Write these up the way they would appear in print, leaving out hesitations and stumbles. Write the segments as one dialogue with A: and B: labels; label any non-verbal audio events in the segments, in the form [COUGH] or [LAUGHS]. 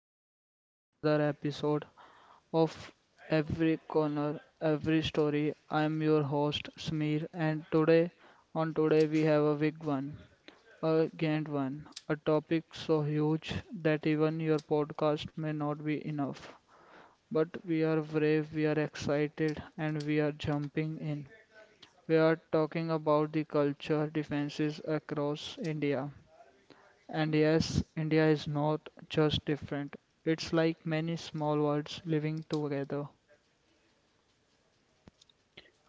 A: welcome back to another episode of Every Corner, Every Story. I am your host Smear, and today, we have a big one, a giant one, a topic so huge that even your podcast may not be enough. But we are brave, we are excited, and we are jumping in. We are talking about the culture defenses across India. And yes, India is not just different. It's like many small worlds living together.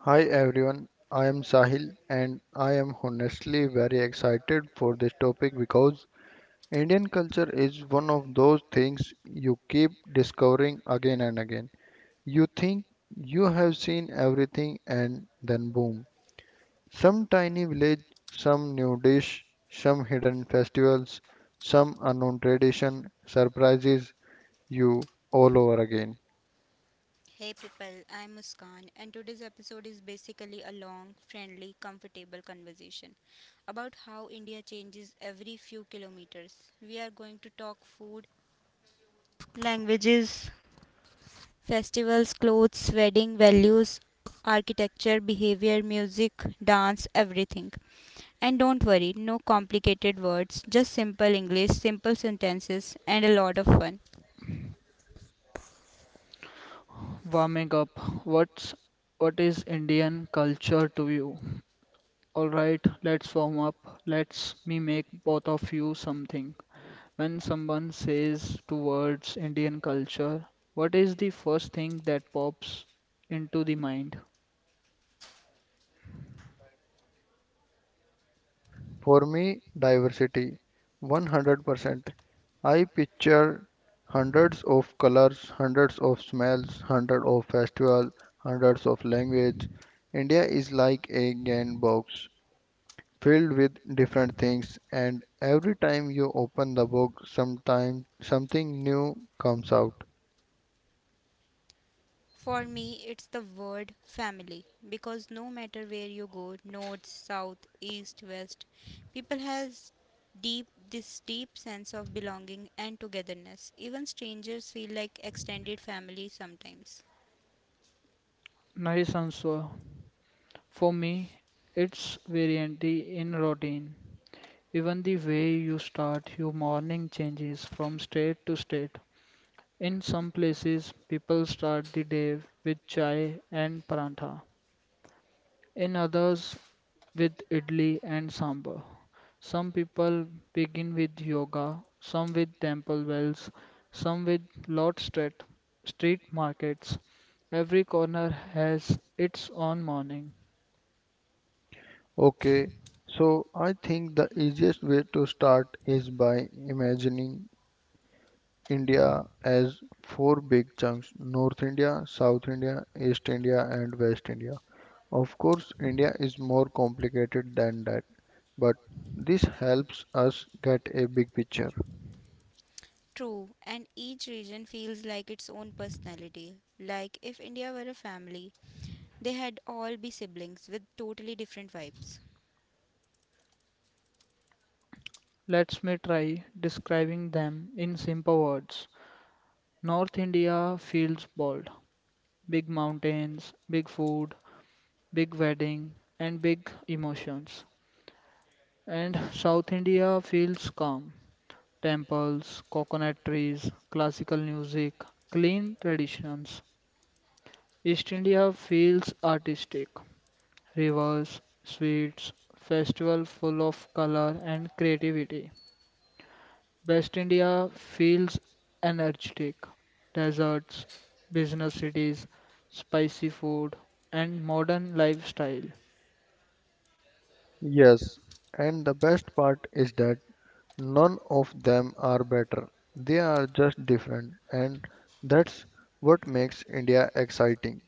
B: Hi everyone, I am Sahil and I am honestly very excited for this topic because Indian culture is one of those things you keep discovering again and again. You think you have seen everything and then boom. Some tiny village, some new dish, some hidden festivals, some unknown tradition surprises you all over again.
C: Hey people, I'm Muskan, and today's episode is basically a long, friendly, comfortable conversation about how India changes every few kilometers. We are going to talk food, languages, festivals, clothes, wedding, values, architecture, behavior, music, dance, everything. And don't worry, no complicated words, just simple English, simple sentences, and a lot of fun.
A: Warming up. What's what is Indian culture to you? All right, let's warm up. Let's me make both of you something. When someone says two words Indian culture, what is the first thing that pops into the mind?
B: For me, diversity 100%. I picture hundreds of colors, hundreds of smells, hundreds of festivals, hundreds of languages. India is like a giant box filled with different things, and every time you open the box, sometime something new comes out.
C: For me, it's the word family because no matter where you go, north, south, east, west, people has deep this deep sense of belonging and togetherness. Even strangers feel like extended family sometimes.
A: Nice answer. For me, it's variety in routine. Even the way you start your morning changes from state to state. In some places, people start the day with chai and parantha, in others, with idli and sambar. Some people begin with yoga, some with temple wells, some with lot street markets. Every corner has its own morning.
B: Okay, so I think the easiest way to start is by imagining India has four big chunks: North India, South India, East India, and West India. Of course, India is more complicated than that, but this helps us get a big picture.
C: True, and each region feels like its own personality. Like if India were a family, they had all be siblings with totally different vibes.
A: Let me try describing them in simple words. North India feels bold. Big mountains, big food, big wedding, and big emotions. And [LAUGHS] South India feels calm. Temples, coconut trees, classical music, clean traditions. East India feels artistic. Rivers, sweets, festival full of color and creativity. West India feels energetic. Deserts, business cities, spicy food, and modern lifestyle.
B: Yes, and the best part is that none of them are better, they are just different, and that's what makes India exciting.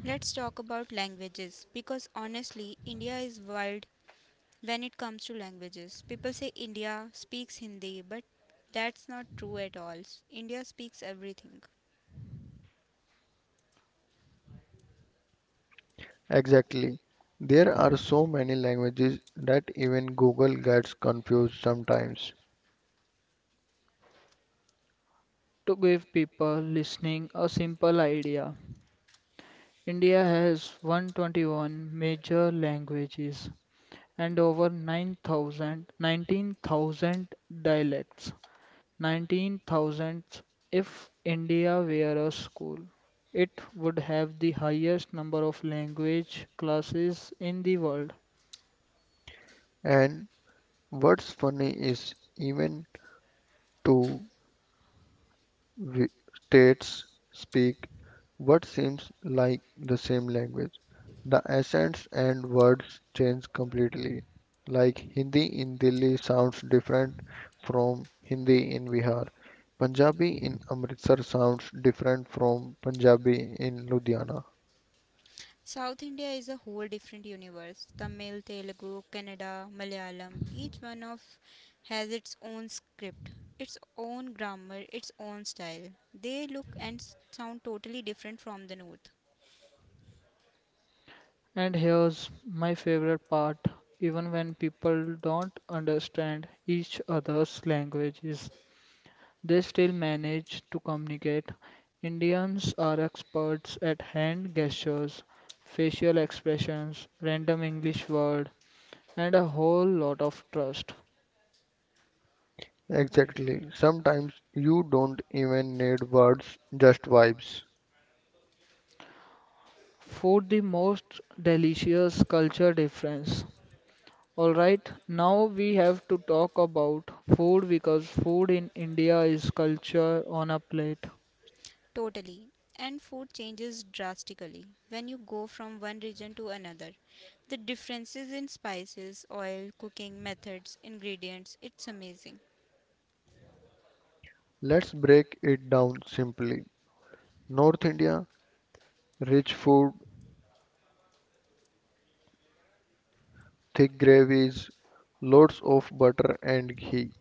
C: Let's talk about languages because honestly, India is wild when it comes to languages. People say India speaks Hindi, but that's not true at all. India speaks everything.
B: Exactly. There are so many languages that even Google gets confused sometimes.
A: To give people listening a simple idea, India has 121 major languages and over 19,000 dialects. 19,000 if India were a school. It would have the highest number of language classes in the world.
B: And what's funny is even two wi- states speak what seems like the same language. The accents and words change completely. Like Hindi in Delhi sounds different from Hindi in Bihar. Punjabi in Amritsar sounds different from Punjabi in Ludhiana.
C: South India is a whole different universe. Tamil, Telugu, Kannada, Malayalam, each one of has its own script, its own grammar, its own style. They look and sound totally different from the north.
A: And here's my favorite part, even when people don't understand each other's languages, they still manage to communicate. Indians are experts at hand gestures, facial expressions, random English word, and a whole lot of trust.
B: Exactly. Sometimes you don't even need words, just vibes.
A: Food, the most delicious culture difference. All right, now we have to talk about food because food in India is culture on a plate.
C: Totally. And food changes drastically when you go from one region to another. The differences in spices, oil, cooking methods, ingredients, it's amazing.
B: Let's break it down simply. North India: rich food, thick gravies, loads of butter and ghee.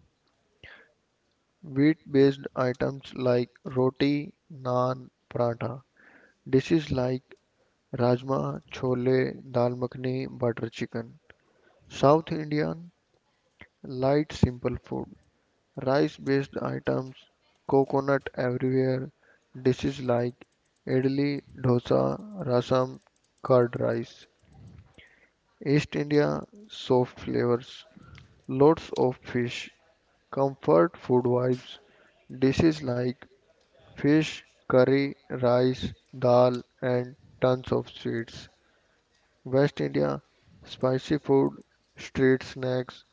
B: Wheat-based items like roti, naan, paratha. Dishes like rajma, chole, dal makhani, butter chicken. South Indian, light simple food. Rice-based items, coconut everywhere. Dishes like idli, dosa, rasam, curd rice. East India, soft flavors. Lots of fish. Comfort food vibes. Dishes like fish, curry, rice, dal and tons of sweets. West India, spicy food, street snacks,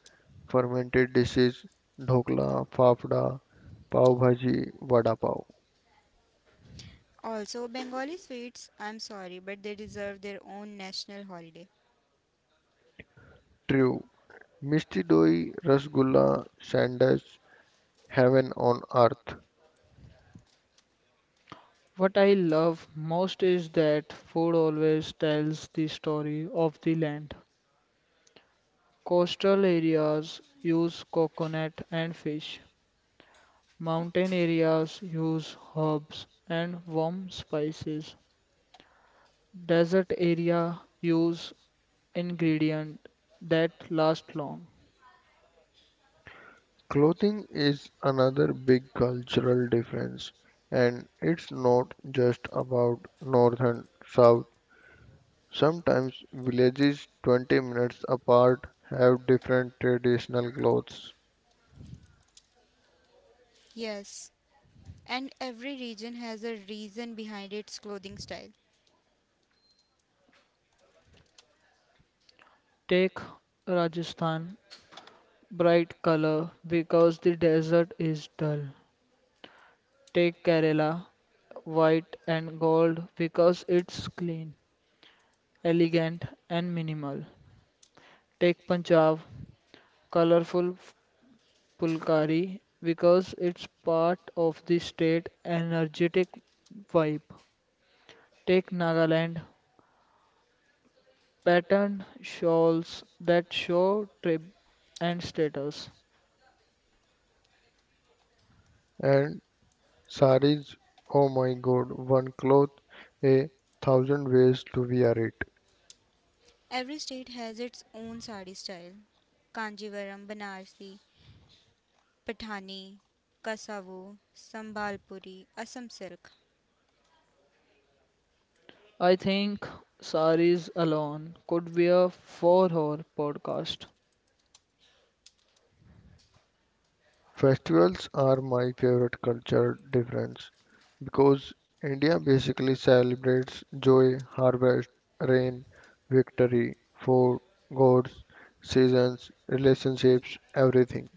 B: fermented dishes, dhokla, fafda, pav bhaji, vada pav.
C: Also, Bengali sweets, I'm sorry, but they deserve their own national holiday.
B: True, Misti doi, rasgulla, sandwich, heaven on earth.
A: What I love most is that food always tells the story of the land. Coastal areas use coconut and fish. Mountain areas use herbs and warm spices. Desert area use ingredient that last long.
B: Clothing is another big cultural difference, and it's not just about north and south. Sometimes villages 20 minutes apart have different traditional clothes.
C: Yes, and every region has a reason behind its clothing style.
A: Take Rajasthan, bright color because the desert is dull. Take Kerala, white and gold because it's clean, elegant and minimal. Take Punjab, colorful Pulkari because it's part of the state energetic vibe. Take Nagaland, patterned shawls that show trip and status.
B: And saris, oh my god, one cloth, a thousand ways to wear it.
C: Every state has its own sari style. Kanjivaram, Banarsi, Pathani, Kasavu, Sambalpuri, Assam silk.
A: I think saris alone could be a four-hour podcast.
B: Festivals are my favorite culture difference, because India basically celebrates joy, harvest, rain, victory, food, gods, seasons, relationships, everything.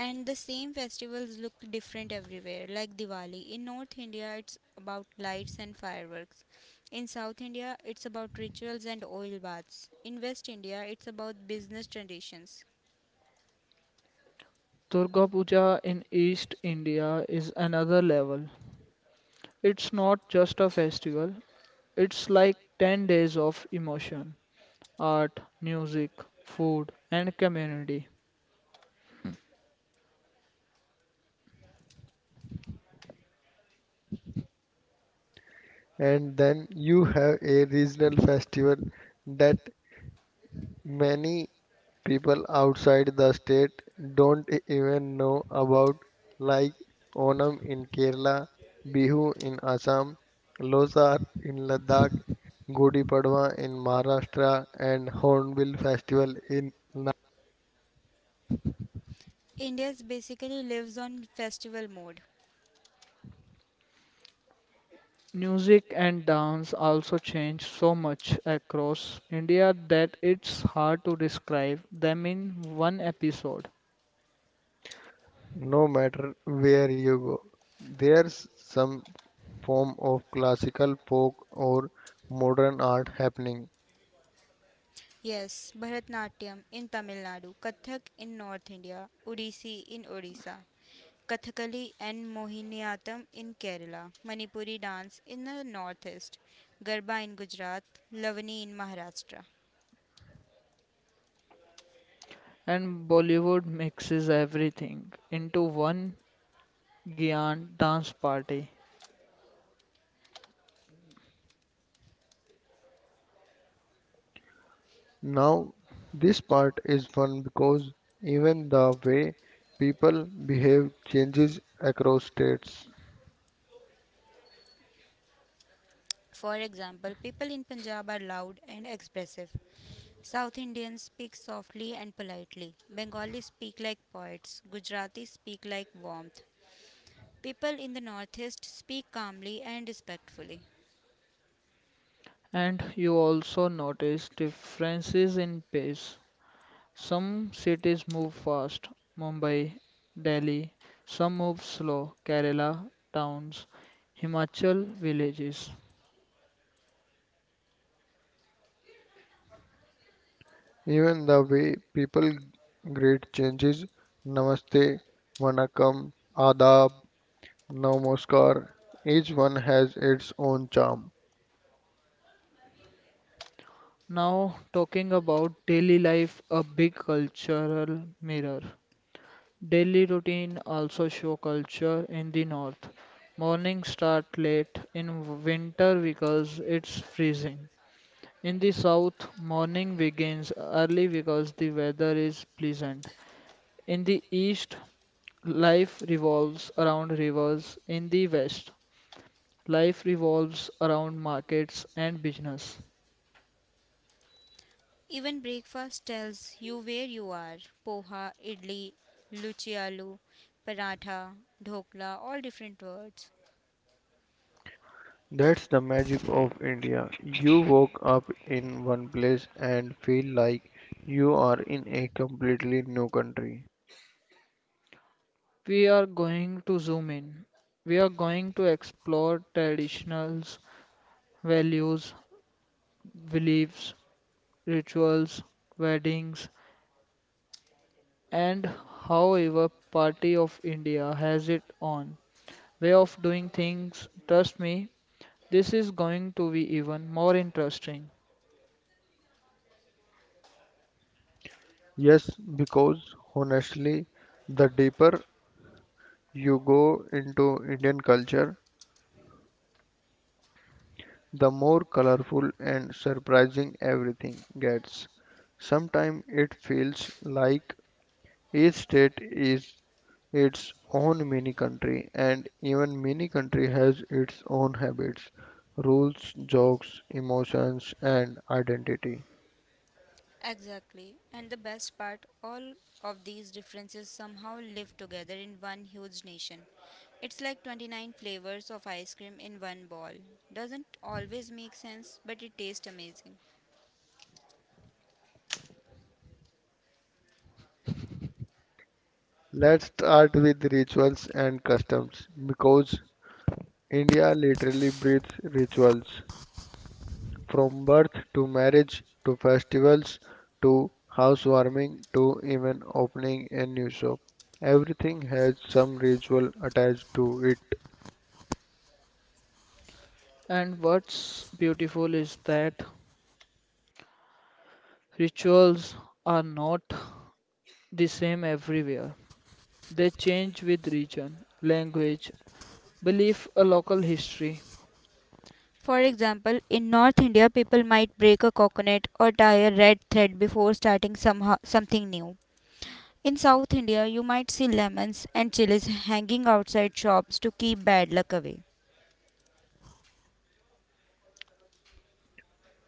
C: And the same festivals look different everywhere, like Diwali. In North India, it's about lights and fireworks. In South India, it's about rituals and oil baths. In West India, it's about business traditions.
A: Durga Puja in East India is another level. It's not just a festival, it's like 10 days of emotion, art, music, food, and community.
B: And then you have a regional festival that many people outside the state don't even know about, like Onam in Kerala, Bihu in Assam, Losar in Ladakh, Gudi Padwa in Maharashtra and Hornbill Festival in Na-
C: India basically lives on festival mode.
A: Music and dance also change so much across India that it's hard to describe them in one episode.
B: no matter where you go. There's some form of classical folk or modern art happening.
C: Yes, Bharatnatyam in Tamil Nadu, Kathak in North India, Odissi in Odisha. Kathakali and Mohiniyattam in Kerala, Manipuri dance in the northeast, Garba in Gujarat, Lavani in Maharashtra.
A: And Bollywood mixes everything into one giant dance party.
B: Now, this part is fun because even the way people behave changes across states.
C: For example, people in Punjab are loud and expressive. South Indians speak softly and politely. Bengalis speak like poets. Gujaratis speak like warmth. People in the northeast speak calmly and respectfully.
A: And you also notice differences in pace. Some cities move fast, Mumbai, Delhi. Some move slow, Kerala towns, Himachal villages.
B: Even the way people greet changes. Namaste, Vanakkam, Adab, Namaskar. Each one has its own charm.
A: Now, talking about daily life, a big cultural mirror. Daily routine also show culture in the north. Morning start late in winter because it's freezing. In the south, morning begins early because the weather is pleasant. In the east, life revolves around rivers. In the west, life revolves around markets and business.
C: Even breakfast tells you where you are. Poha, idli, luchi, luchialu, paratha, dhokla, all different words.
B: That's the magic of India. You woke up in one place and feel like you are in a completely new country.
A: We are going to zoom in. We are going to explore traditionals, values, beliefs, rituals, weddings, and how our party of India has it on way of doing things. Trust me, this is going to be even more interesting.
B: Yes, because honestly, the deeper you go into Indian culture, the more colorful and surprising everything gets. Sometimes it feels like each state is its own mini country and even mini country has its own habits, rules, jokes, emotions and identity.
C: Exactly. And the best part, all of these differences somehow live together in one huge nation. It's like 29 flavors of ice cream in one ball. Doesn't always make sense, but it tastes amazing.
B: Let's start with rituals and customs because India literally breathes rituals from birth to marriage to festivals to housewarming to even opening a new shop. Everything has some ritual attached to it.
A: And what's beautiful is that rituals are not the same everywhere. They change with region, language, belief, a local history.
C: For example, in North India, people might break a coconut or tie a red thread before starting somehow, something new. In South India, you might see lemons and chilies hanging outside shops to keep bad luck away.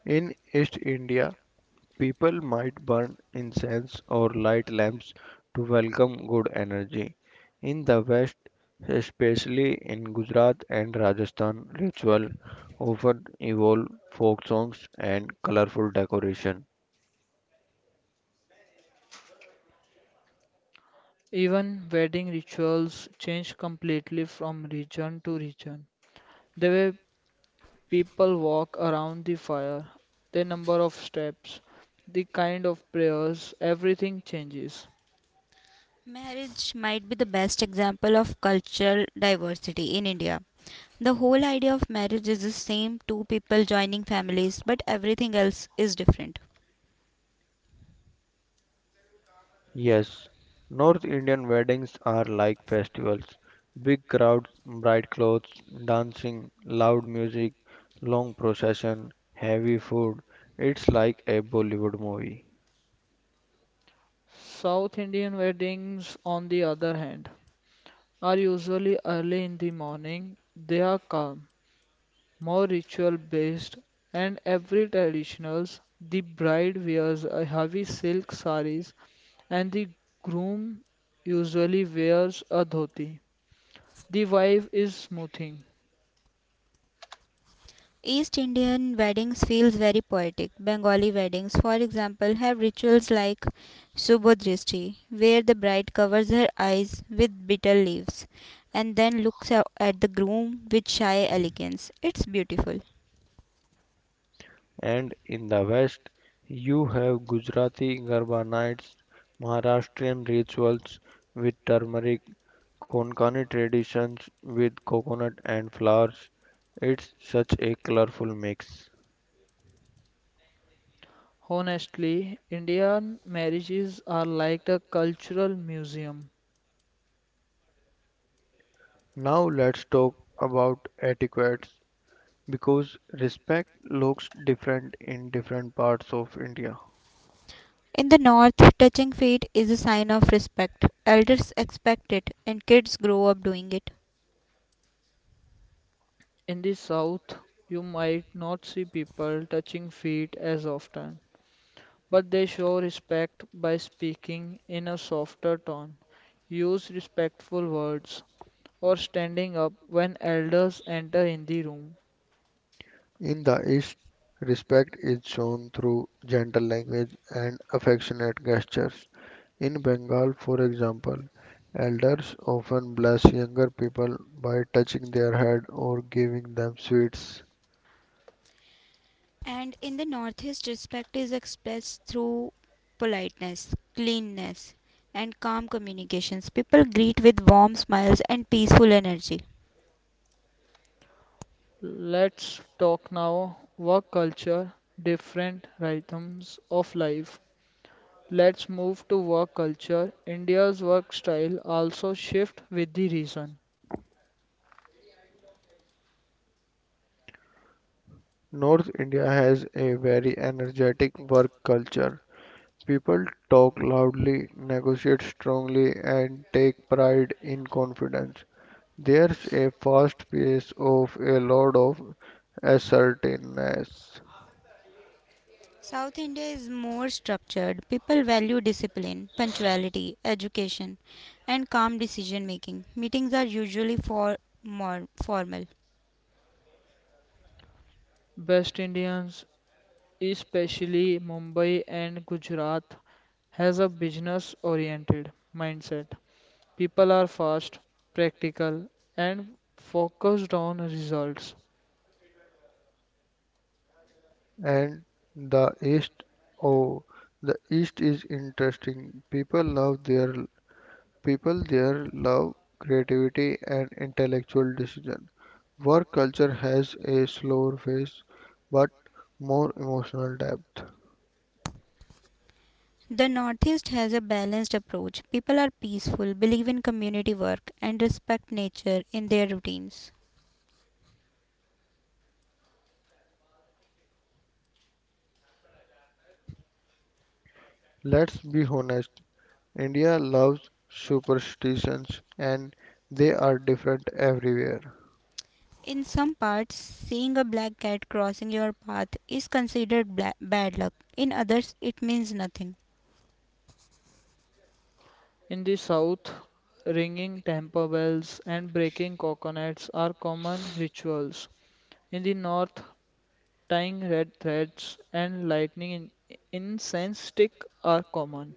B: In East India, people might burn incense or light lamps to welcome good energy. In the West, especially in Gujarat and Rajasthan, ritual often involve folk songs and colorful decoration.
A: Even wedding rituals change completely from region to region. The way people walk around the fire, the number of steps, the kind of prayers, everything changes.
C: Marriage might be the best example of cultural diversity in India. The whole idea of marriage is the same two people joining families, but everything else is different.
B: Yes, North Indian weddings are like festivals. Big crowds, bright clothes, dancing, loud music, long procession, heavy food. It's like a Bollywood movie.
A: South Indian weddings, on the other hand, are usually early in the morning. They are calm, more ritual based and every traditionals the bride wears a heavy silk saris and the groom usually wears a dhoti the wife is smoothing
C: East Indian weddings feels very poetic. Bengali weddings, for example, have rituals like Subodrishti, where the bride covers her eyes with bitter leaves and then looks at the groom with shy elegance. It's beautiful.
B: And in the west you have Gujarati Garba nights, Maharashtrian rituals with turmeric, Konkani traditions with coconut and flowers. It's such a colorful mix.
A: honestly indian marriages are like a cultural museum
B: Now let's talk about etiquettes because respect looks different in different parts of India.
C: In the north, touching feet is a sign of respect. Elders expect it, and kids grow up doing it.
A: in the south you might not see people touching feet as often but they show respect by speaking in a softer tone use respectful words or standing up when elders enter in the room.
B: In the East, respect is shown through gentle language and affectionate gestures. In Bengal, for example, elders often bless younger people by touching their head or giving them sweets.
C: And in the Northeast, respect is expressed through politeness, cleanness, and calm communications. People greet with warm smiles and peaceful energy.
A: Let's talk now work culture, different rhythms of life. Let's move to work culture. India's work style also shift with the reason.
B: North India has a very energetic work culture. People talk loudly, negotiate strongly, and take pride in confidence. There's a fast pace of a lot of assertiveness.
C: South India is more structured. People value discipline, punctuality, education, and calm decision making. Meetings are usually for more formal.
A: West Indians, especially Mumbai and Gujarat, has a business oriented mindset. People are fast, practical, and focused on results.
B: And the East, oh, the East is interesting. People there love creativity and intellectual decision. Work culture has a slower pace but more emotional depth.
C: The Northeast has a balanced approach. People are peaceful, believe in community work, and respect nature in their routines.
B: Let's be honest, India loves superstitions and they are different everywhere.
C: In some parts, seeing a black cat crossing your path is considered bad luck. In others, it means nothing.
A: In the South, ringing temple bells and breaking coconuts are common rituals. In the North, tying red threads and lighting in incense stick are common.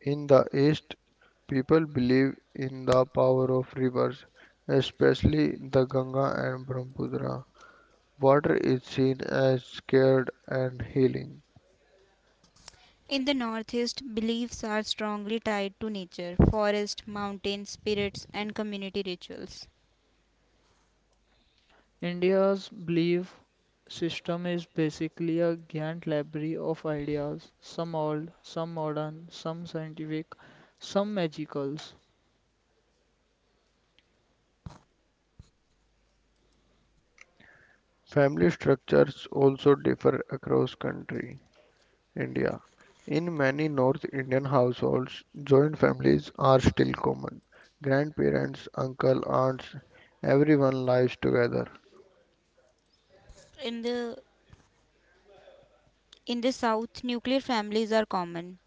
B: In the East, people believe in the power of rivers, especially the Ganga and Brahmaputra. Water is seen as sacred and healing.
C: In the Northeast, beliefs are strongly tied to nature, forest, mountains, spirits, and community rituals.
A: India's belief system is basically a giant library of ideas, some old, some modern, some scientific, some magical.
B: Family structures also differ across country India. In many North Indian households, joint families are still common. Grandparents, uncle, aunts, everyone lives together.
C: In the in the South, nuclear families are common,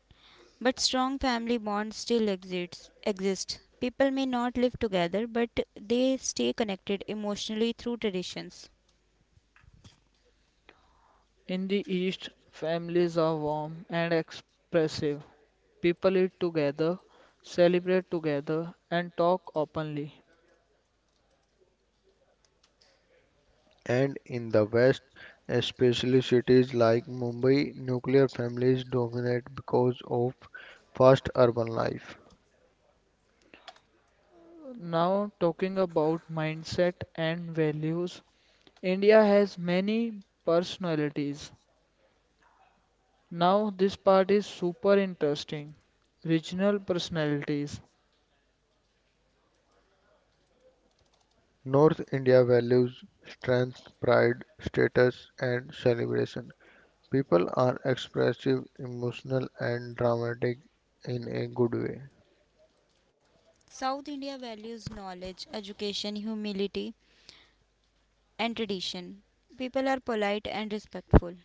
C: but strong family bonds still exist. People may not live together, but they stay connected emotionally through traditions.
A: In the East, families are warm and expressive. People eat together, celebrate together, and talk openly.
B: And in the West, especially cities like Mumbai, nuclear families dominate because of fast urban life.
A: Now, talking about mindset and values, India has many personalities. Now, this part is super interesting. Regional personalities.
B: North India values strength, pride, status, and celebration. People are expressive, emotional, and dramatic in a good way.
C: South India values knowledge, education, humility, and tradition. People are polite and respectful.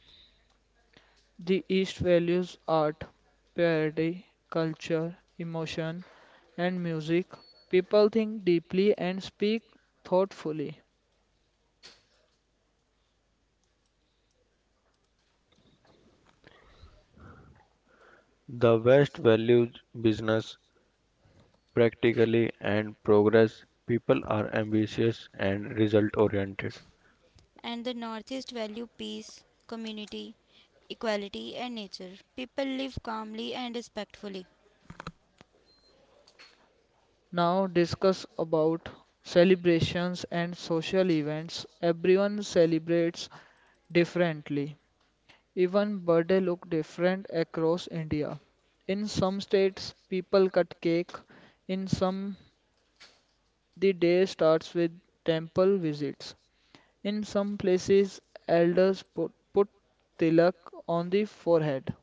A: The East values art, parody, culture, emotion, and music. People think deeply and speak thoughtfully.
B: The West values business, practically, and progress. People are ambitious and result oriented.
C: And the Northeast value peace, community, equality, and nature. People live calmly and respectfully.
A: Now discuss about celebrations and social events. Everyone celebrates differently. Even birthday look different across India. In some states, people cut cake. In some, the day starts with temple visits. In some places, elders put tilak on the forehead.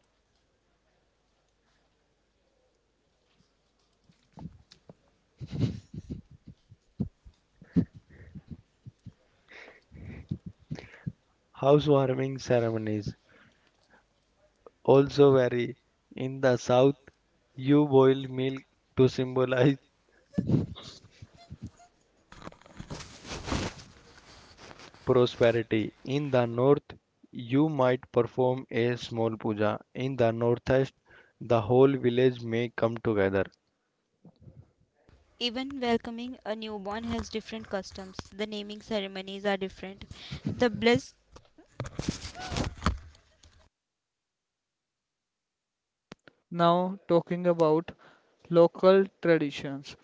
B: Housewarming ceremonies also vary. In the south, you boil milk to symbolize prosperity. In the north, you might perform a small puja. In the northeast, the whole village may come together.
C: Even welcoming a newborn has different customs. The naming ceremonies are different. The bliss
A: Now, talking about local traditions,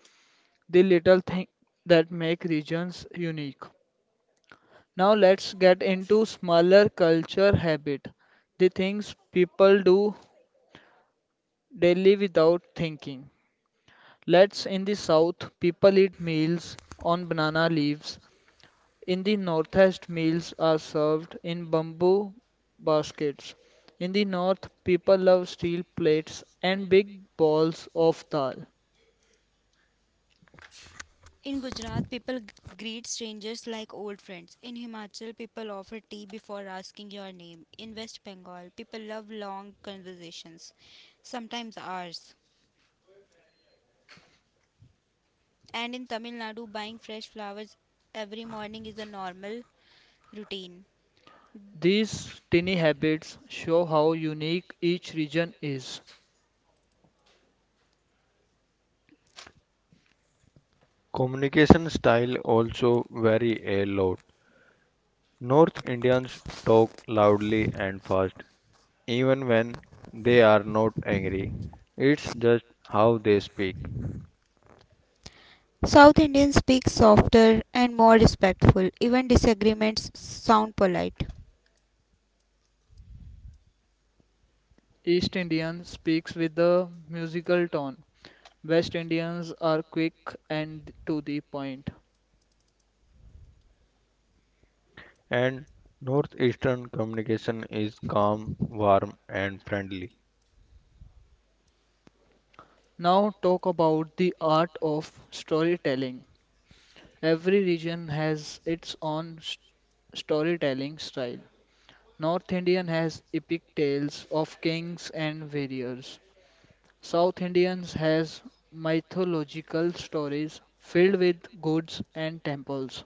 A: the little thing that make regions unique. Now, let's get into smaller culture habit, the things people do daily without thinking. Let's in the south, people eat meals on banana leaves. In the northeast, meals are served in bamboo baskets. In the north, people love steel plates and big balls of dal.
C: in Gujarat, people greet strangers like old friends. In Himachal, people offer tea before asking your name. In West Bengal, people love long conversations, sometimes hours. And in Tamil Nadu, buying fresh flowers every morning is a normal routine.
A: These tiny habits show how unique each region is.
B: Communication style also vary a lot. North Indians talk loudly and fast, even when they are not angry. It's just how they speak.
C: South Indians speak softer and more respectful. Even disagreements sound polite.
A: East Indian speaks with a musical tone. West Indians are quick and to the point.
B: And Northeastern communication is calm, warm, and friendly.
A: Now talk about the art of storytelling. Every region has its own storytelling style. North Indian has epic tales of kings and warriors. South Indians has mythological stories filled with gods and temples.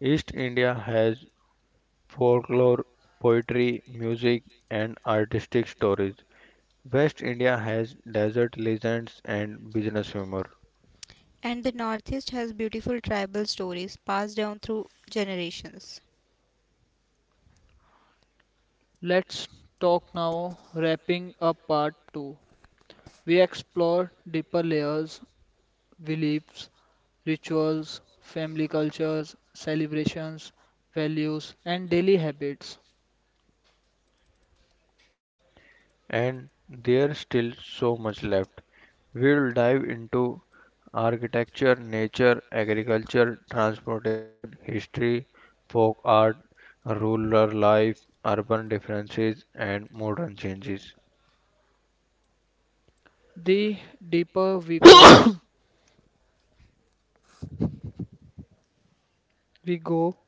B: East India has folklore, poetry, music, and artistic stories. West India has desert legends and business humor.
C: And the Northeast has beautiful tribal stories passed down through generations.
A: Let's talk now wrapping up part 2. We explore deeper layers, beliefs, rituals, family cultures, celebrations, values, and daily habits.
B: And there's still so much left. We'll dive into architecture, nature, agriculture, transportation, history, folk art, rural life, urban differences, and modern changes.
A: The deeper we go,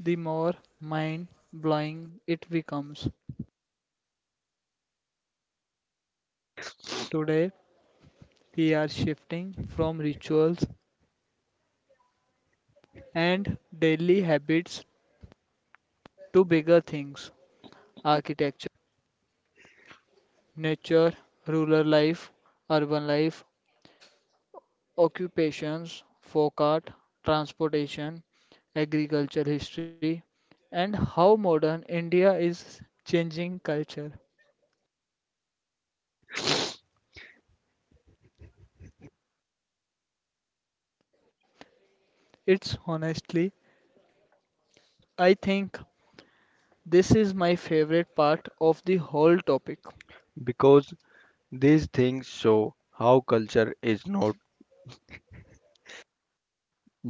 A: the more mind blowing it becomes. Today, we are shifting from rituals and daily habits to bigger things architecture, nature, rural life, urban life, occupations, folk art, transportation, agriculture history, and how modern India is changing culture. It's honestly, I think this is my favorite part of the whole topic.
B: Because these things show how culture is not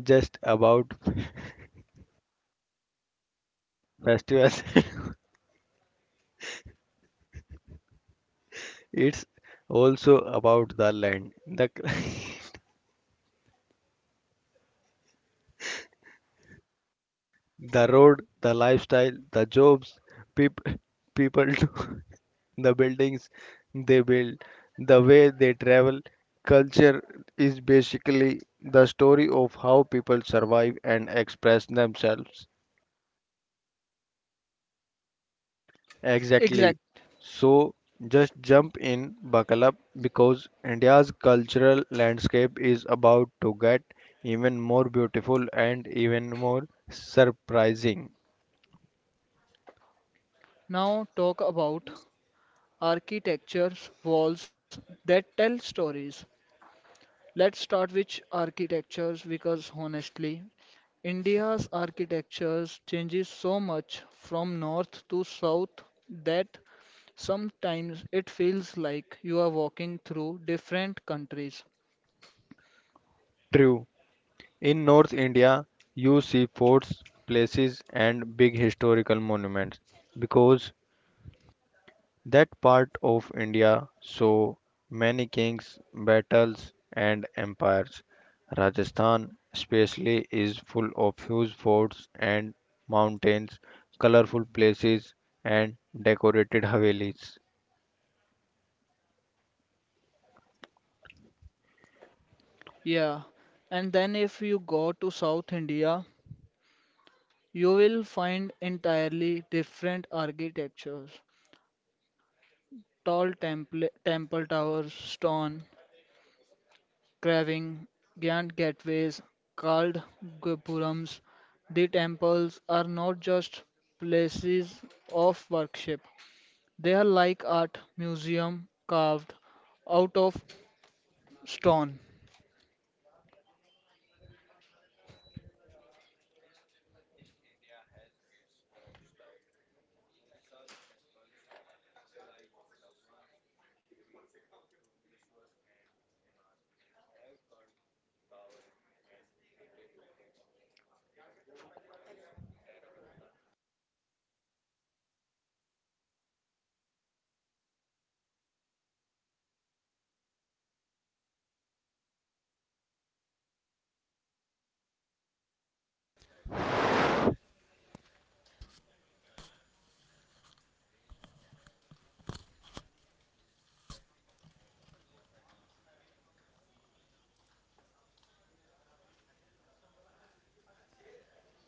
B: just about festivals, [LAUGHS] it's also about the land, [LAUGHS] the road, the lifestyle, the jobs, peop- people [LAUGHS] do. The buildings they build, the way they travel. Culture is basically the story of how people survive and express themselves. Exactly.
A: Exact.
B: So just jump in, buckle up, because India's cultural landscape is about to get even more beautiful and even more surprising.
A: Now talk about architectures, walls that tell stories. Let's start with architectures because honestly, India's architectures changes so much from north to south that sometimes it feels like you are walking through different countries.
B: True. In North India, you see forts, places, and big historical monuments because that part of India saw many kings, battles, and empires. Rajasthan, especially, is full of huge forts and mountains, colorful places, and decorated havelis.
A: Yeah, and then if you go to South India, you will find entirely different architectures. Tall temple towers, stone carving, giant gateways, carved gopurams, the temples are not just places of worship. They are like art museum carved out of stone.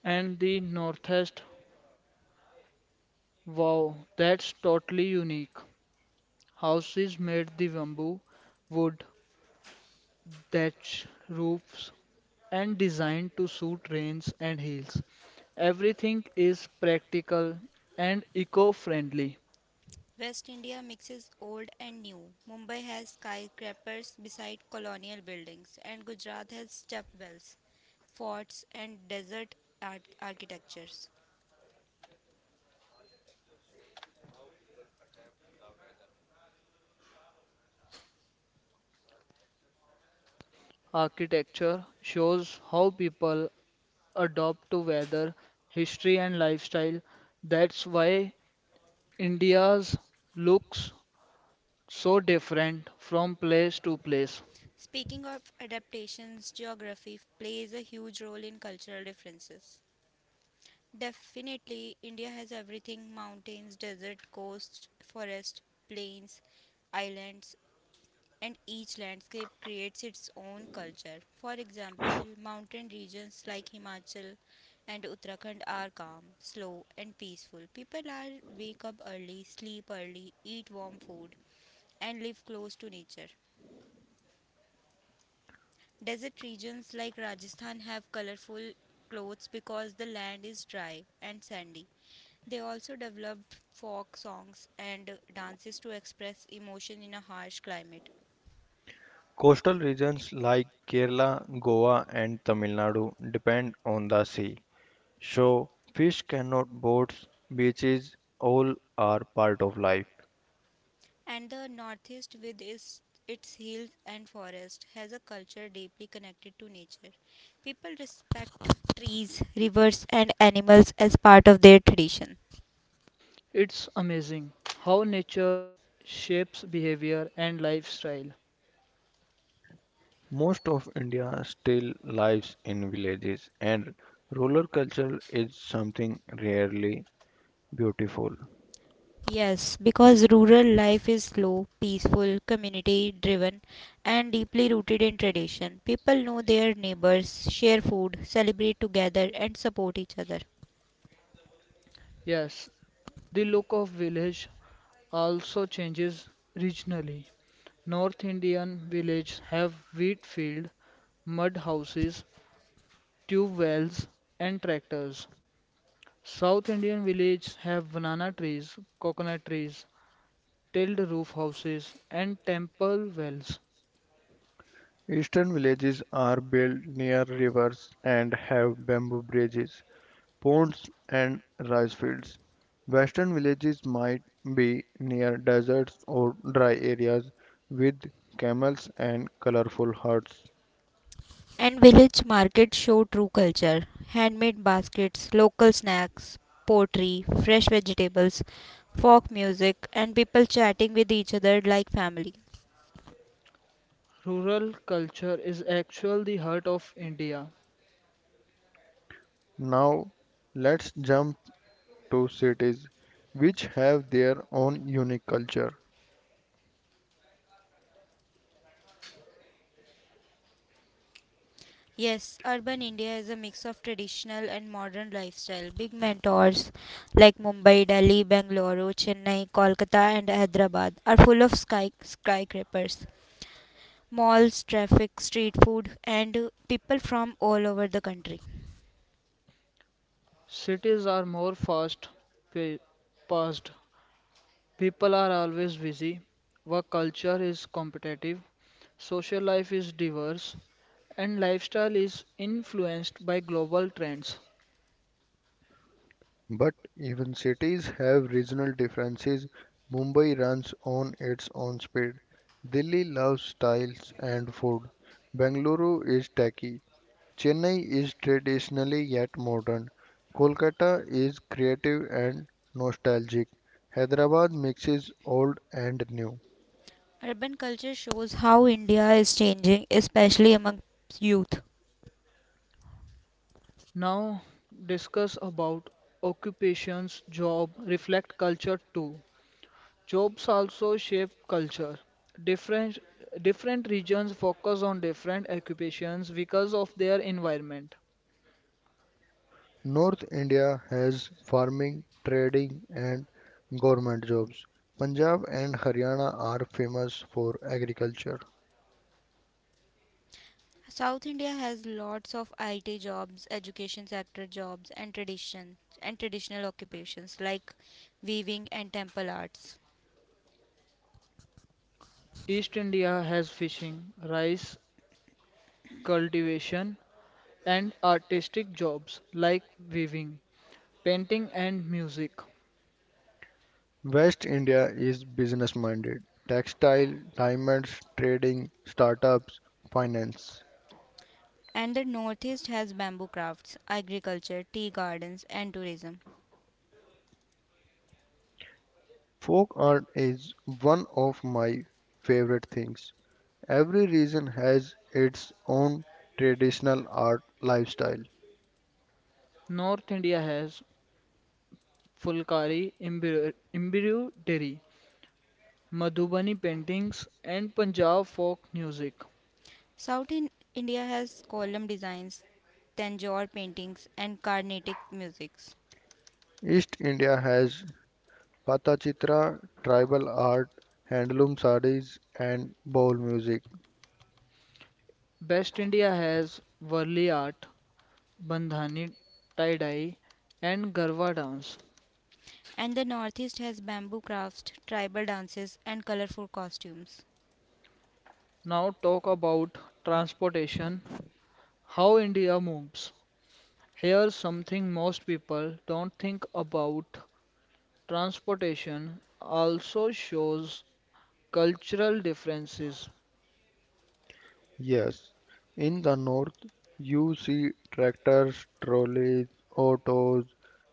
A: And the northeast, wow, that's totally unique. Houses made the bamboo, wood, thatch roofs, and designed to suit rains and hills. Everything is practical and eco friendly.
C: West India mixes old and new. Mumbai has skyscrapers beside colonial buildings, and Gujarat has stepwells, forts, and desert architectures.
A: Architecture shows how people adopt to weather, history, and lifestyle. That's why India's looks so different from place to place.
C: Speaking of adaptations, geography plays a huge role in cultural differences. Definitely, India has everything mountains, desert, coast, forest, plains, islands, and each landscape creates its own culture. For example, mountain regions like Himachal and Uttarakhand are calm, slow, and peaceful. People are wake up early, sleep early, eat warm food, and live close to nature. Desert regions like Rajasthan have colorful clothes because the land is dry and sandy. They also developed folk songs and dances to express emotion in a harsh climate.
B: Coastal regions like Kerala, Goa, and Tamil Nadu depend on the sea, so fish cannot boats, beaches, all are part of life.
C: And the Northeast, with its hills and forests, has a culture deeply connected to nature. People respect trees, rivers, and animals as part of their tradition.
A: It's amazing how nature shapes behavior and lifestyle.
B: Most of India still lives in villages, and rural culture is something rarely beautiful.
C: Yes, because rural life is slow, peaceful, community driven, and deeply rooted in tradition. People know their neighbors, share food, celebrate together, and support each other.
A: Yes, the look of village also changes regionally. North Indian villages have wheat field, mud houses, tube wells and tractors. South Indian villages have banana trees, coconut trees, tiled roof houses and temple wells.
B: Eastern villages are built near rivers and have bamboo bridges, ponds and rice fields. Western villages might be near deserts or dry areas with camels and colorful huts.
C: And village markets show true culture handmade baskets, local snacks, pottery, fresh vegetables, folk music, and people chatting with each other like family.
A: Rural culture is actually the heart of India.
B: Now, let's jump to cities, which have their own unique culture.
C: Yes, urban India is a mix of traditional and modern lifestyle. Big mentors like Mumbai, Delhi, Bangalore, Chennai, Kolkata, and Hyderabad are full of sky skyscrapers, malls, traffic, street food, and people from all over the country.
A: Cities are more fast pa- paced. People are always busy. Work culture is competitive. Social life is diverse and lifestyle is influenced by global trends.
B: But even cities have regional differences. Mumbai runs on its own speed. Delhi loves styles and food. Bengaluru is techy. Chennai is traditionally yet modern. Kolkata is creative and nostalgic. Hyderabad mixes old and new.
C: Urban culture shows how India is changing, especially among youth.
A: Now discuss about occupations, job reflect culture too. Jobs also shape culture. Different different regions focus on different occupations because of their environment.
B: North India has farming, trading, and government jobs. Punjab and Haryana are famous for agriculture.
C: South India has lots of IT jobs, education sector jobs, and tradition and traditional occupations like weaving and temple arts.
A: East India has fishing, rice cultivation and artistic jobs like weaving, painting and music.
B: West India is business minded. Textile, diamonds, trading, startups, finance.
C: And the Northeast has bamboo crafts, agriculture, tea gardens, and tourism.
B: Folk art is one of my favorite things. Every region has its own traditional art lifestyle.
A: North India has Fulkari, Embroidery, Madhubani paintings and Punjab folk music.
C: India has column designs, Tanjore paintings, and Carnatic musics.
B: East India has Pathachitra, tribal art, handloom sarees, and bowl music.
A: Best India has Warli art, Bandhani tie-dye and Garwa dance.
C: And the Northeast has bamboo crafts, tribal dances, and colorful costumes.
A: Now talk about transportation, how India moves. Here's something most people don't think about. Transportation also shows cultural differences.
B: Yes, in the north, you see tractors, trolleys, autos,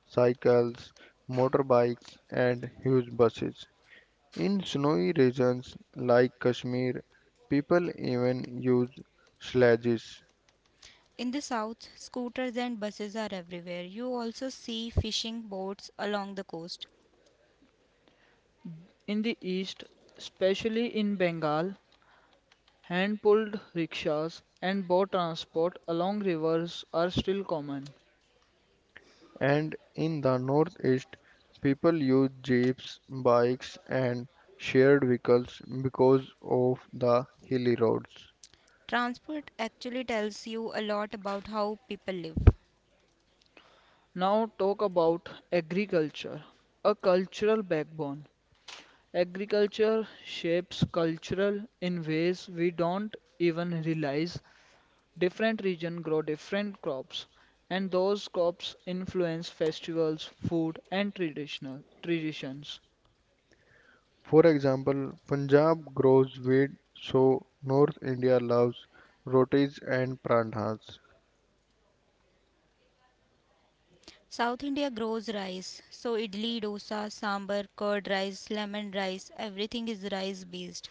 B: cycles, motorbikes, and huge buses. In snowy regions like Kashmir, people even use sledges.
C: In the south, scooters and buses are everywhere. You also see fishing boats along the coast.
A: In the East, especially in Bengal, hand pulled rickshaws and boat transport along rivers are still common.
B: And in the northeast people use jeeps, bikes and shared vehicles because of the hilly roads.
C: Transport actually tells you a lot about how people live.
A: Now, talk about agriculture, a cultural backbone. Agriculture shapes cultural in ways we don't even realize. Different regions grow different crops, and those crops influence festivals, food, and traditional traditions.
B: For example, Punjab grows wheat so North India loves rotis and pranthas.
C: South India grows rice, so idli, dosa, sambar, curd rice, lemon rice, everything is rice based.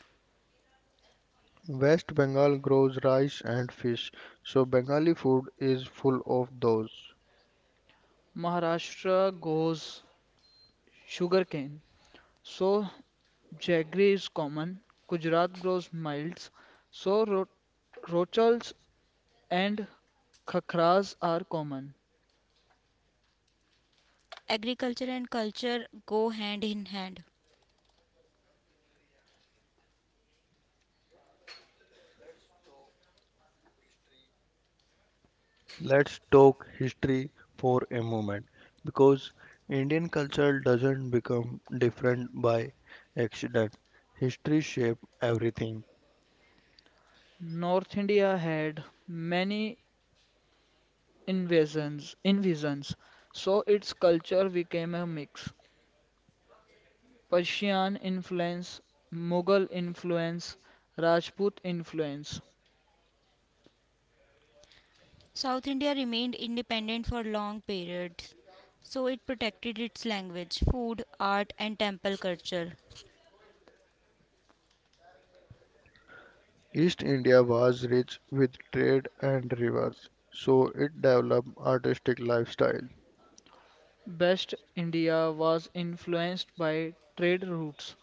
B: West Bengal grows rice and fish so Bengali food is full of those.
A: Maharashtra grows sugarcane, so Jaggery is common. Gujarat grows milds, so ro- rochals and khakras are common.
C: Agriculture and culture go hand in hand.
B: Let's talk history for a moment because Indian culture doesn't become different by accident. History shaped everything.
A: North India had many invasions, so its culture became a mix. Persian influence, Mughal influence, Rajput influence.
C: South India remained independent for long periods, so it protected its language, food, art, and temple culture.
B: East India was rich with trade and rivers, so it developed artistic lifestyle.
A: West India was influenced by trade routes,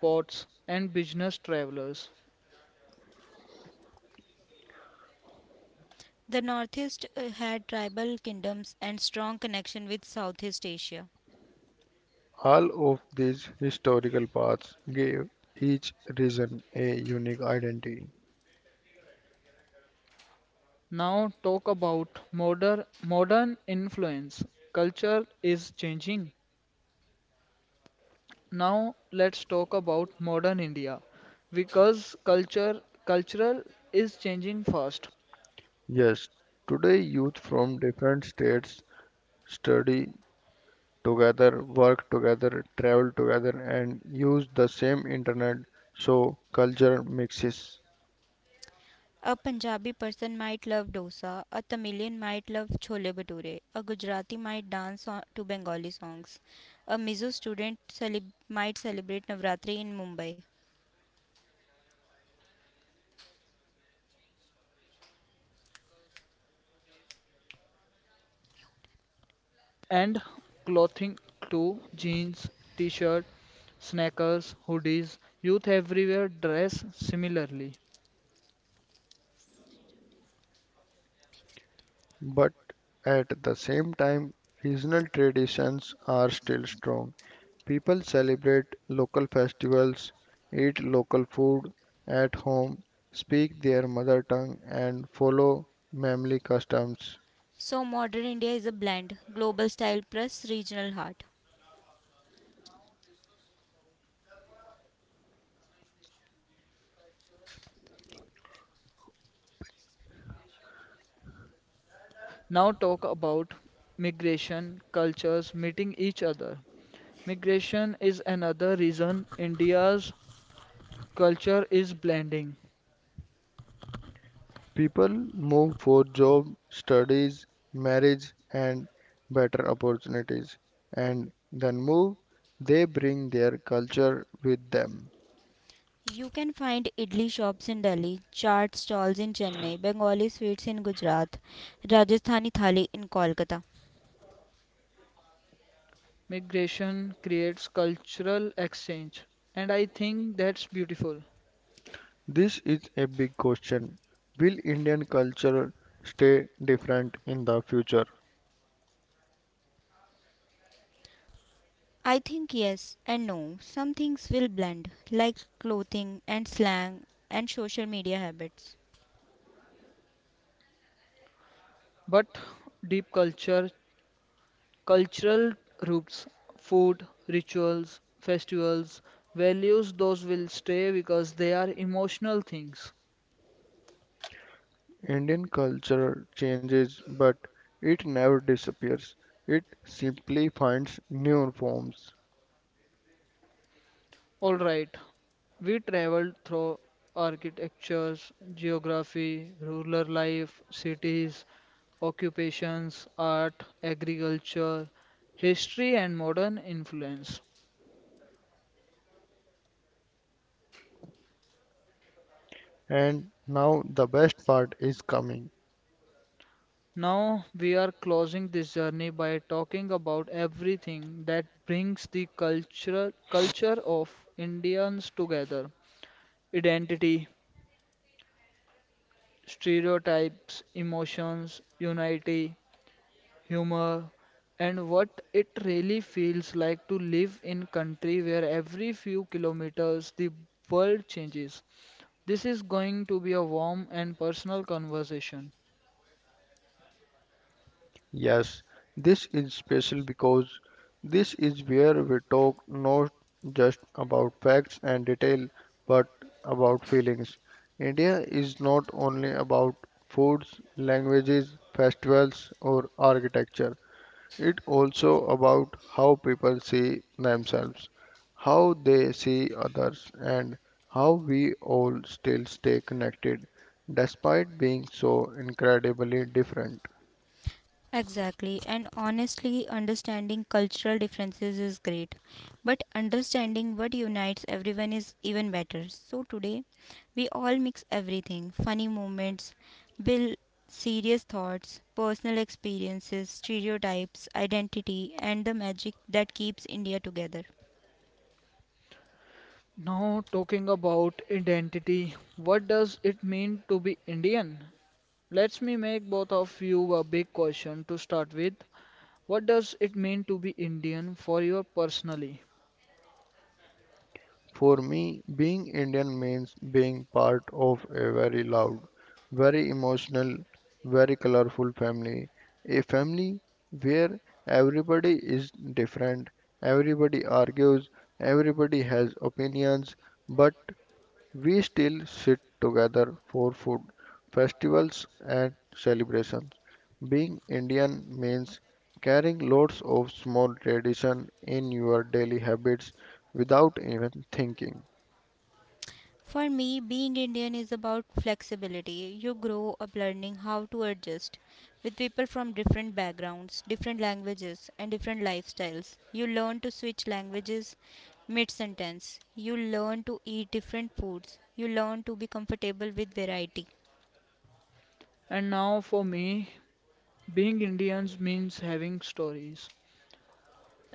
A: ports, and business travelers.
C: The Northeast had tribal kingdoms and strong connection with Southeast Asia.
B: All of these historical paths gave each region a unique identity.
A: Now talk about modern influence. Culture is changing. Now let's talk about modern India because culture cultural is changing fast
B: Yes, today youth from different states study together, work together, travel together, and use the same internet so culture mixes.
C: A Punjabi person might love dosa, a Tamilian might love chole bhature, a Gujarati might dance on, to Bengali songs, a might celebrate Navratri in Mumbai.
A: and clothing too jeans, t-shirt, sneakers, hoodies, youth everywhere dress similarly.
B: But at the same time, regional traditions are still strong. People celebrate local festivals, eat local food at home, speak their mother tongue, and follow family customs.
C: So modern India is a blend, global style plus regional heart.
A: Now talk about migration, cultures meeting each other. Migration is another reason India's culture is blending.
B: People move for job, studies, marriage, and better opportunities, and then move. They bring their culture with them.
C: You can find idli shops in Delhi, chaat stalls in Chennai, Bengali sweets in Gujarat, Rajasthani thali in Kolkata.
A: Migration creates cultural exchange, and I think that's beautiful.
B: This is a big question. Will Indian culture stay different in the future?
C: I think yes and no. Some things will blend, like clothing and slang and social media habits.
A: But deep culture, cultural roots, food, rituals, festivals, values, those will stay because they are emotional things.
B: Indian culture changes, but it never disappears. It simply finds new forms.
A: All right, we traveled through architectures, geography, rural life, cities, occupations, art, agriculture, history, and modern influence.
B: And now the best part is coming.
A: Now we are closing this journey by talking about everything that brings the cultural culture of Indians together. Identity, stereotypes, emotions, unity, humor, and what it really feels like to live in country where every few kilometers the world changes. This is going to be a warm and personal conversation.
B: Yes, this is special because this is where we talk not just about facts and detail but about feelings. India is not only about foods, languages, festivals, or architecture, it also about how people see themselves, how they see others, and how we all still stay connected despite being so incredibly different.
C: Exactly, and honestly, understanding cultural differences is great, but understanding what unites everyone is even better. So, today we all mix everything funny moments, bill, serious thoughts, personal experiences, stereotypes, identity, and the magic that keeps India together.
A: Now, talking about identity, what does it mean to be Indian? Let me make both of you a big question to start with. What does it mean to be Indian for you personally?
B: For me, being Indian means being part of a very loud, very emotional, very colorful family. A family where everybody is different, everybody argues, everybody has opinions, but we still sit together for food, festivals, and celebrations. Being Indian means carrying lots of small traditions in your daily habits without even thinking.
C: For me, being Indian is about flexibility. You grow up learning how to adjust with people from different backgrounds, different languages, and different lifestyles. You learn to switch languages mid sentence. You learn to eat different foods. You learn to be comfortable with variety.
A: And now, for me, being Indians means having stories.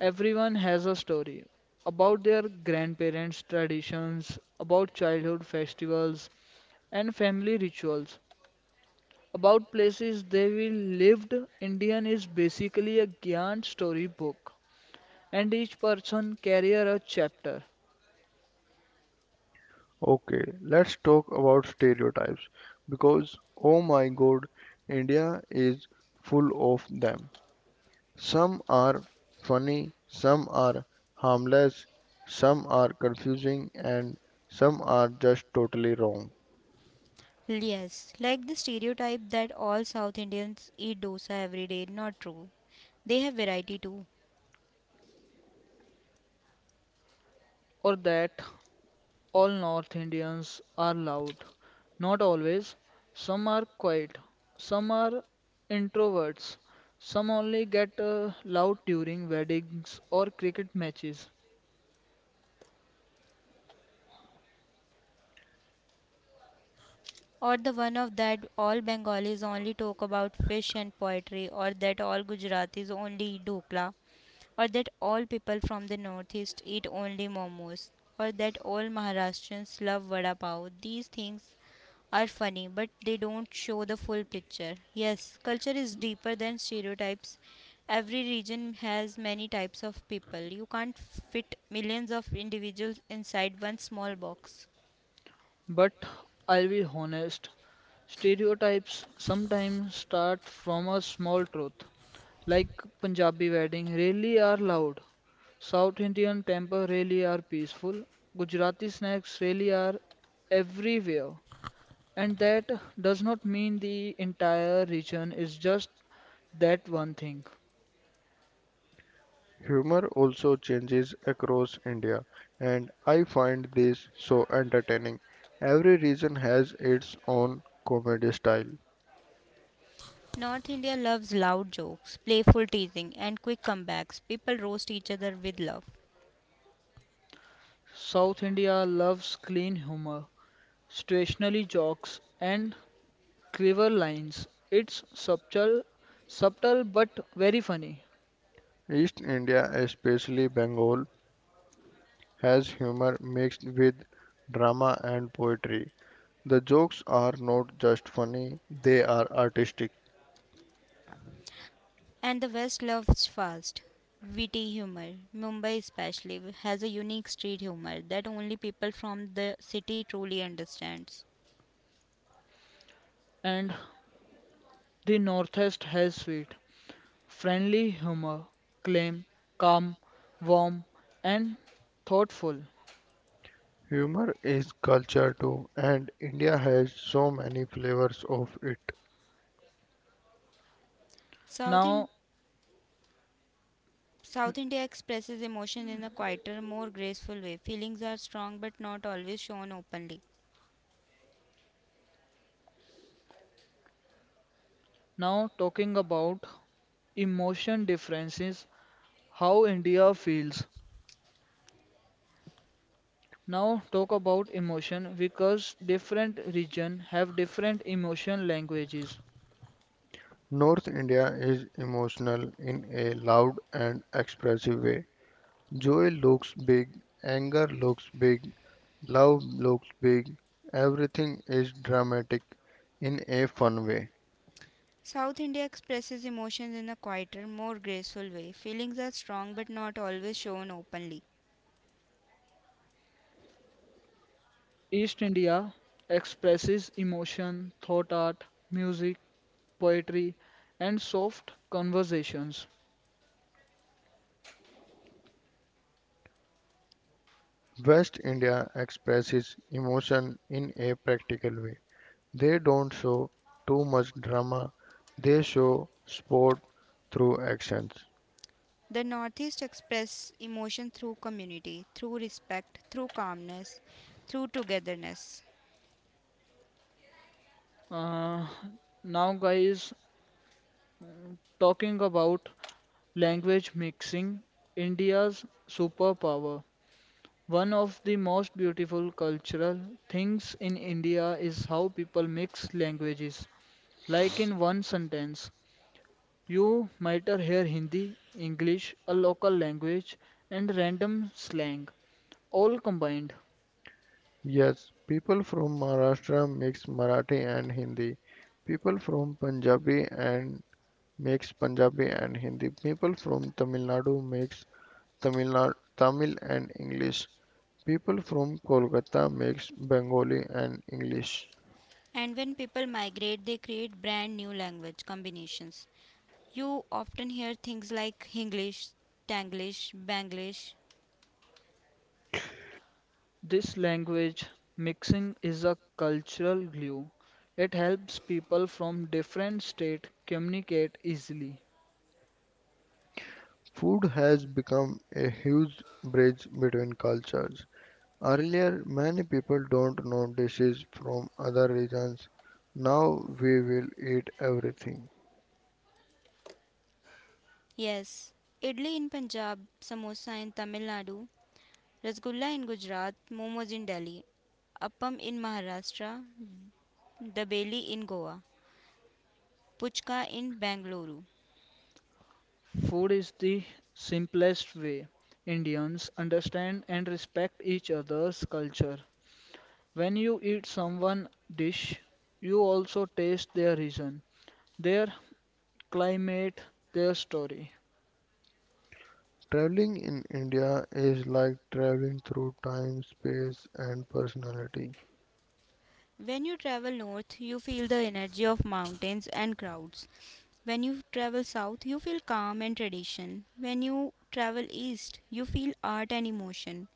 A: Everyone has a story about their grandparents' traditions, about childhood festivals, and family rituals. About places they will lived, Indian is basically a Gyan storybook, and each person carrier a chapter.
B: Okay, let's talk about stereotypes because oh my god, India is full of them. Some are funny, some are harmless, some are confusing, and some are just totally wrong.
C: Yes, like the stereotype that all South Indians eat dosa every day, not true. They have variety too.
A: Or that all North Indians are loud, not always. Some are quiet, some are introverts, some only get loud during weddings or cricket matches.
C: Or the one of that all Bengalis only talk about fish and poetry, or that all Gujaratis only eat dhokla, or that all people from the northeast eat only momos, or that all Maharashtrians love vada pav. These things are funny, but they don't show the full picture. Yes, culture is deeper than stereotypes. Every region has many types of people. You can't fit millions of individuals inside one small box.
A: But I'll be honest, stereotypes sometimes start from a small truth. Like Punjabi wedding really are loud. South Indian temple really are peaceful. Gujarati snacks really are everywhere. And that does not mean the entire region is just that one thing.
B: Humor also changes across India, and I find this so entertaining. Every region has its own comedy style.
C: North India loves loud jokes, playful teasing, and quick comebacks. People roast each other with love.
A: South India loves clean humor, stationary jokes, and clever lines. It's subtle but very funny.
B: East India, especially Bengal, has humor mixed with drama and poetry. The jokes are not just funny, they are artistic.
C: And the West loves fast, witty humor. Mumbai, especially, has a unique street humor that only people from the city truly understands.
A: And the Northeast has sweet, friendly humor, claim, calm, warm, and thoughtful.
B: Humor is culture too, and India has so many flavors of it.
C: South, in-
A: Now,
C: South India expresses emotion in a quieter, more graceful way. Feelings are strong but not always shown openly.
A: now talking about emotion differences, how India feels. Now talk about emotion because different region have different emotion languages.
B: North India is emotional in a loud and expressive way. Joy looks big, anger looks big, love looks big, everything is dramatic in a fun way.
C: South India expresses emotions in a quieter, more graceful way. Feelings are strong but not always shown openly.
A: East India expresses emotion, thought art, music, poetry, and soft conversations.
B: West India expresses emotion in a practical way. They don't show too much drama, they show sport through actions.
C: The Northeast express emotion through community, through respect, through calmness, through togetherness.
A: Uh, now, guys, talking about language mixing, India's superpower. One of the most beautiful cultural things in India is how people mix languages. Like in one sentence, you might hear Hindi, English, a local language, and random slang, all combined.
B: Yes, people from Maharashtra mix Marathi and Hindi. People from Punjabi and mix Punjabi and Hindi. People from Tamil Nadu mix Tamil Tamil and English. People from Kolkata mix Bengali and English.
C: And when people migrate, they create brand new language combinations. You often hear things like Hinglish, Tanglish, Banglish.
A: This language mixing is a cultural glue. It helps people from different states communicate easily.
B: Food has become a huge bridge between cultures. Earlier, many people don't know dishes from other regions. Now we will eat everything.
C: Yes, idli in Punjab, samosa in Tamil Nadu, rasgulla in Gujarat, momos in Delhi, appam in Maharashtra, dabeli in Goa, puchka in Bangalore.
A: Food is the simplest way Indians understand and respect each other's culture. When you eat someone dish, you also taste their region, their climate, their story.
B: Traveling in India is like traveling through time, space, and personality.
C: When you travel north, you feel the energy of mountains and crowds. When you travel south, you feel calm and tradition. When you travel east, you feel art and emotion.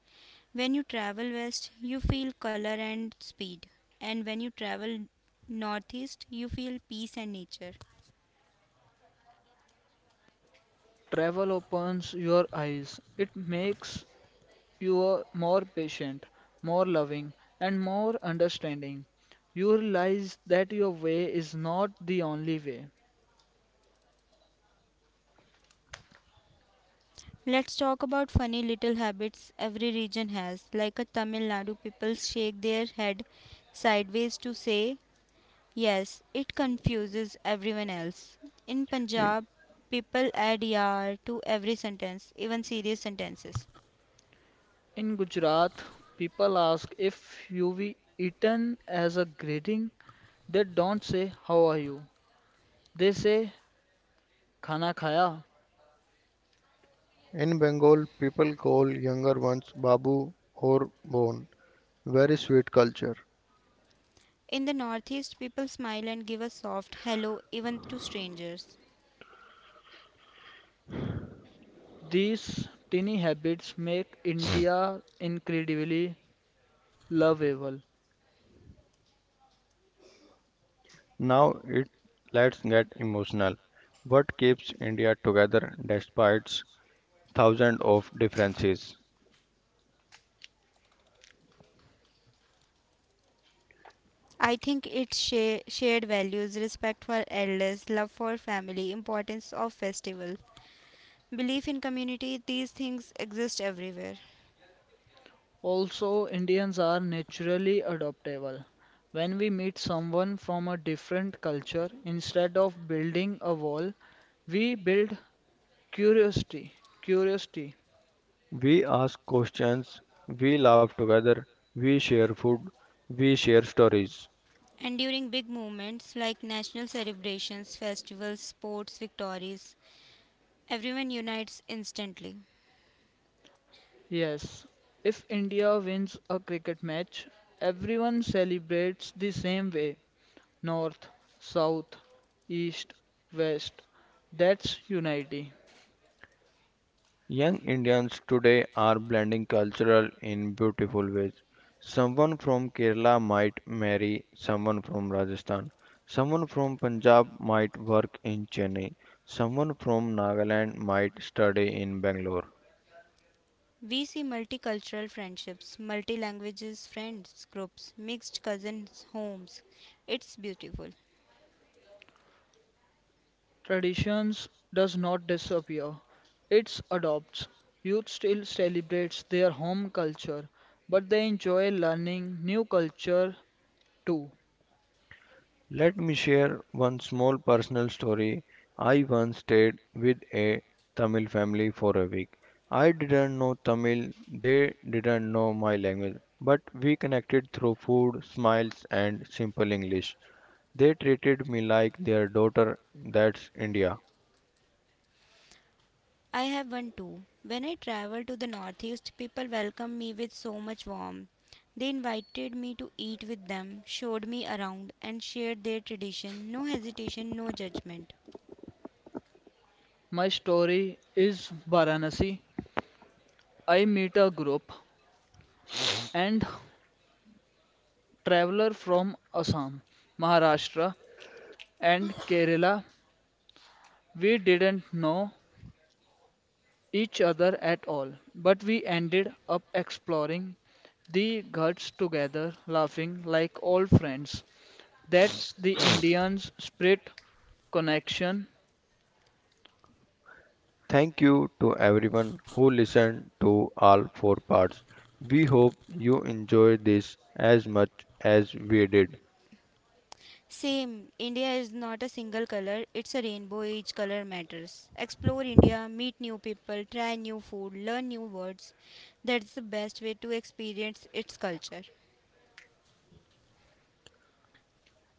C: When you travel west, you feel color and speed. And when you travel northeast, you feel peace and nature.
A: Travel opens your eyes. It makes you more patient, more loving, and more understanding. You realize that your way is not the only way.
C: Let's talk about funny little habits every region has. Like a Tamil Nadu, people shake their head sideways to say yes, it confuses everyone else. In Punjab, people add yar to every sentence, even serious sentences.
A: In Gujarat, people ask if you've eaten as a greeting. They don't say, "How are you?" They say, "Khana khaya."
B: In Bengal, people call younger ones Babu or Bon. Very sweet culture.
C: In the Northeast, people smile and give a soft hello even to strangers.
A: These tiny habits make India incredibly lovable.
B: Now it Let's get emotional. What keeps India together despite thousands of differences?
C: I think it's shared values, respect for elders, love for family, importance of festival, belief in community, these things exist everywhere.
A: Also, Indians are naturally adaptable. When we meet someone from a different culture, instead of building a wall, we build curiosity. Curiosity.
B: We ask questions, we laugh together, we share food, we share stories.
C: And during big movements like national celebrations, festivals, sports, victories, everyone unites instantly.
A: Yes, if India wins a cricket match, everyone celebrates the same way north, south, east, west. That's unity.
B: Young Indians today are blending cultural in beautiful ways. Someone from Kerala might marry someone from Rajasthan. Someone from Punjab might work in Chennai. Someone from Nagaland might study in Bangalore.
C: We see multicultural friendships, multi languages friends groups, mixed cousins homes. It's beautiful.
A: Traditions does not disappear, it adopts. Youth still celebrates their home culture, but they enjoy learning new culture too.
B: Let me share one small personal story. I once stayed with a Tamil family for a week. I didn't know Tamil, they didn't know my language, but we connected through food, smiles, and simple English. They treated me like their daughter. That's India.
C: I have one too. When I travel to the northeast, people welcome me with so much warmth. They invited me to eat with them, showed me around, and shared their tradition. No hesitation, no judgment.
A: My story is Varanasi. I meet a group and traveler from Assam, Maharashtra and Kerala, we didn't know each other at all, but we ended up exploring the ghats together, laughing like old friends. That's the Indians' spirit, connection,
B: Thank you to everyone who listened to all four parts. We hope you enjoy this as much as we did.
C: Same, India is not a single color, it's a rainbow, each color matters. Explore India, meet new people, try new food, learn new words. That's the best way to experience its culture.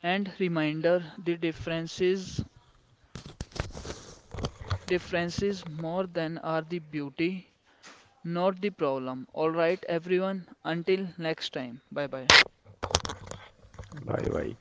A: and reminder the differences more than are the beauty, not the problem. All right, everyone, until next time. Bye bye.
B: Bye bye.